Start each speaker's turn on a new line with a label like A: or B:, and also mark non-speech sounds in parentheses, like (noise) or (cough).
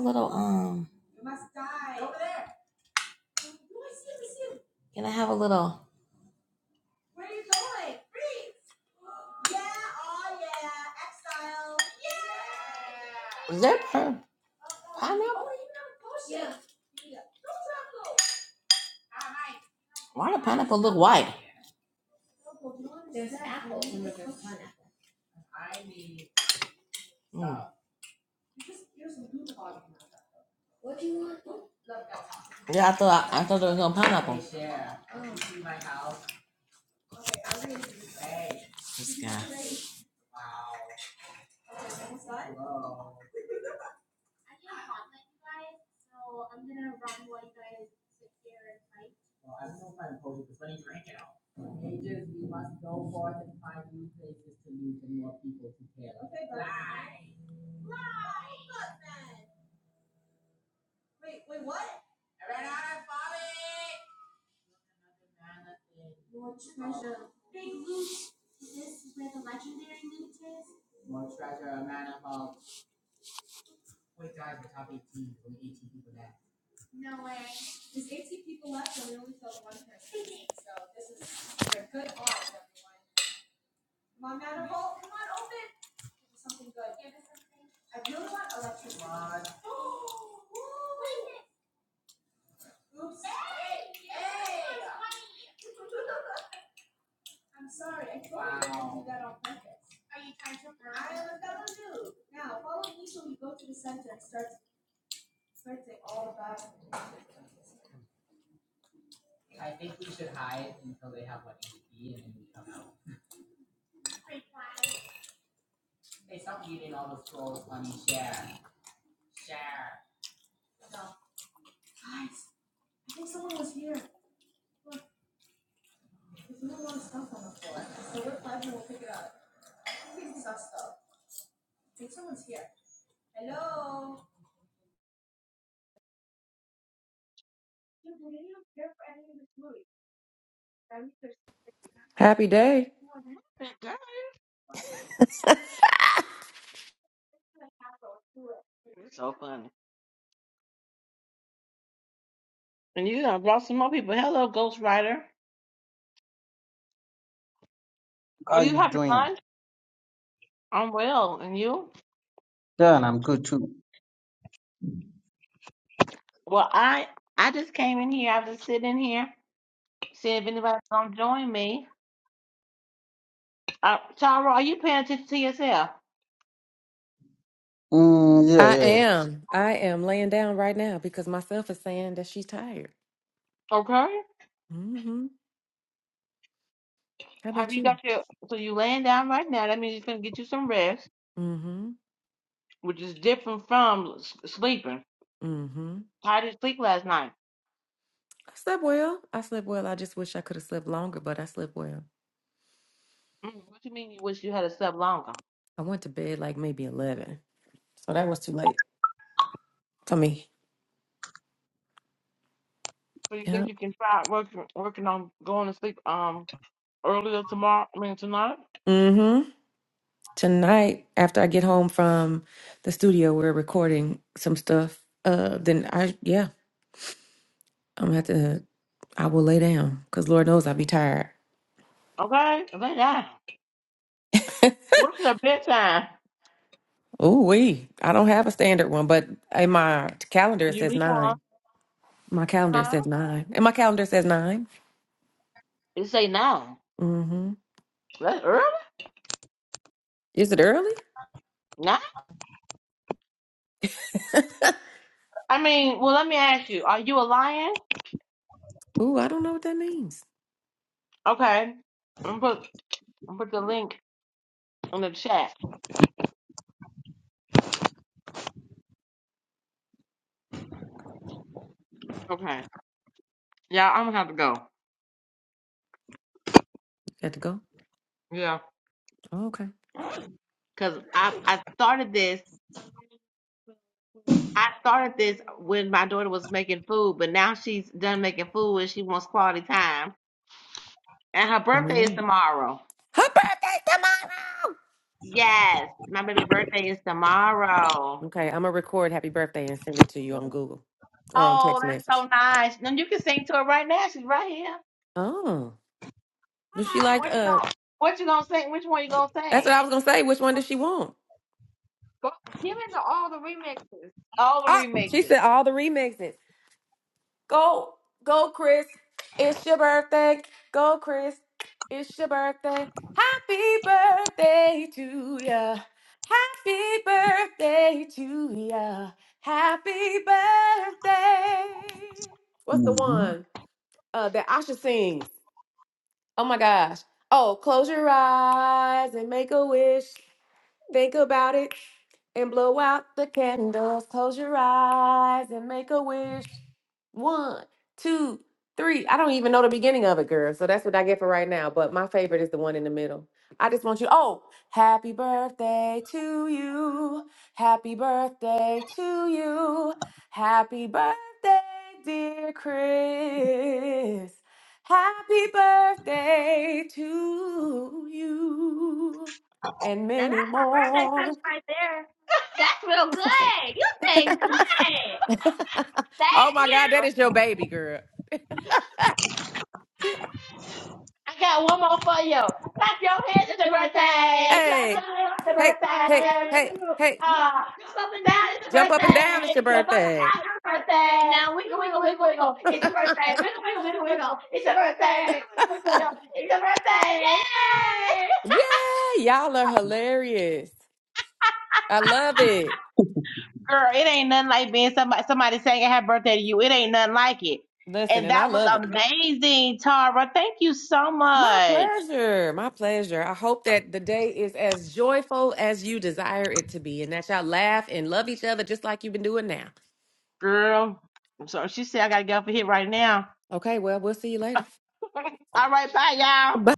A: little, um, can I have a little? Is there per? Why the pineapple look white? Mm. Yeah, I thought I, I thought there was no pineapple. This guy.
B: Happy day.
A: So funny. And you done brought some more people. Hello, Ghost Rider.
C: How
A: Are
C: are
A: you
C: you
A: having
C: doing?
A: fun? I'm well. And you?
C: Yeah, and I'm good too.
A: Well, I I just came in here. I was just sit in here, see if anybody's gonna join me. Uh, Tara, are you paying attention to yourself?
C: Mm, yeah,
B: I
C: yeah.
B: am. I am laying down right now because myself is saying that she's tired.
A: Okay.
B: hmm How
A: Have
B: about
A: you
B: you?
A: got your? So you laying down right now? That means you're gonna get you some rest.
B: hmm
A: which is different from s- sleeping.
B: hmm
A: How did you sleep last night?
B: I slept well. I slept well. I just wish I could have slept longer, but I slept well.
A: Mm, what you mean you wish you had slept longer?
B: I went to bed like maybe eleven. So that was too late for me.
A: So you
B: Yeah.
A: think you can try working working on going to sleep um earlier tomorrow? I mean tonight?
B: hmm Tonight, after I get home from the studio, we're recording some stuff. Uh then I yeah, I'm gonna have to I will lay down because Lord knows I'll be tired.
A: Okay, lay down. What's your bedtime?
B: Ooh, wee. I don't have a standard one, but in my calendar it
A: You
B: says
A: leave on,
B: nine. My calendar
A: huh?
B: says nine. And my calendar says nine.
A: You say no.
B: Mm-hmm.
A: That's early?
B: Is it early?
A: No. I mean, well, let me ask you. Are you a lion?
B: Ooh, I don't know what that means.
A: Okay. I'm put I'm put the link in the chat. Okay. Yeah, I'm gonna have to go.
B: You got to go.
A: Yeah.
B: Oh, okay.
A: Cause I I started this. I started this when my daughter was making food, but now she's done making food and she wants quality time. And her birthday is
B: Mhm.
A: tomorrow.
B: Her birthday tomorrow.
A: Yes, my baby birthday is tomorrow.
B: Okay, I'm gonna record happy birthday and send it to you on Google or on
A: Oh,
B: text
A: that's
B: message.
A: so nice. Then you can sing to her right now. She's right here.
B: Oh. Does she like
A: What you
B: uh
A: gonna What you gonna sing? Which one you gonna
B: That's what
A: sing?
B: I was gonna say. Which one does she want?
A: Go, give it to all the remix. All the
B: Oh, she
A: remixes.
B: said all the remixes. Go, go, Chris. It's your birthday. Go, Chris. It's your birthday. Happy birthday to ya. Happy birthday to ya. Happy birthday. What's the
C: hmm
B: one uh, that Asha sings? Oh my gosh. Oh, close your eyes and make a wish. Think about it. and blow out the candles. Close your eyes and make a wish. One, two, three. I don't even know the beginning of it, girl. So that's what I get for right now. But my favorite is the one in the middle. I just want you. Oh, happy birthday to you. Happy birthday to you. Happy birthday, dear Chris. Happy birthday to you and
A: Now that's
B: many
A: my birthday
B: more.
A: present right there. (laughs) That's real good. You sang good. Thank
B: oh my God, that
A: you.
B: is your baby girl.
A: I got Clap your hands, it's a birthday. Clap your
B: Hey,
A: hands, it's a
B: hey, hey, hey,
A: birthday.
B: hey,
A: Uh, jump up and down, it's a
B: jump up and down. It's your
A: birthday. Jump up and
B: birthday.
A: down, it's a birthday. Now wiggle, wiggle, wiggle, wiggle.
B: (laughs)
A: It's a birthday. Wiggle, wiggle, wiggle, wiggle. It's a birthday. Wiggle, wiggle, wiggle. It's a birthday. Yay!
B: Yeah, y'all are hilarious. I love it.
A: Girl, it ain't nothing like being somebody somebody saying happy birthday to you. It ain't nothing like it.
B: Listen,
A: And
B: and I
A: that was
B: love it.
A: amazing, Tara. Thank you so
B: My
A: much.
B: pleasure. My pleasure. I hope that the day is as joyful as you desire it to be and that y'all laugh and love each other just like you've been doing now.
A: Girl, I'm sorry. She said I gotta get off of here right now.
B: Okay, well, we'll see you later.
A: (laughs) All right, bye, y'all.
B: Bye.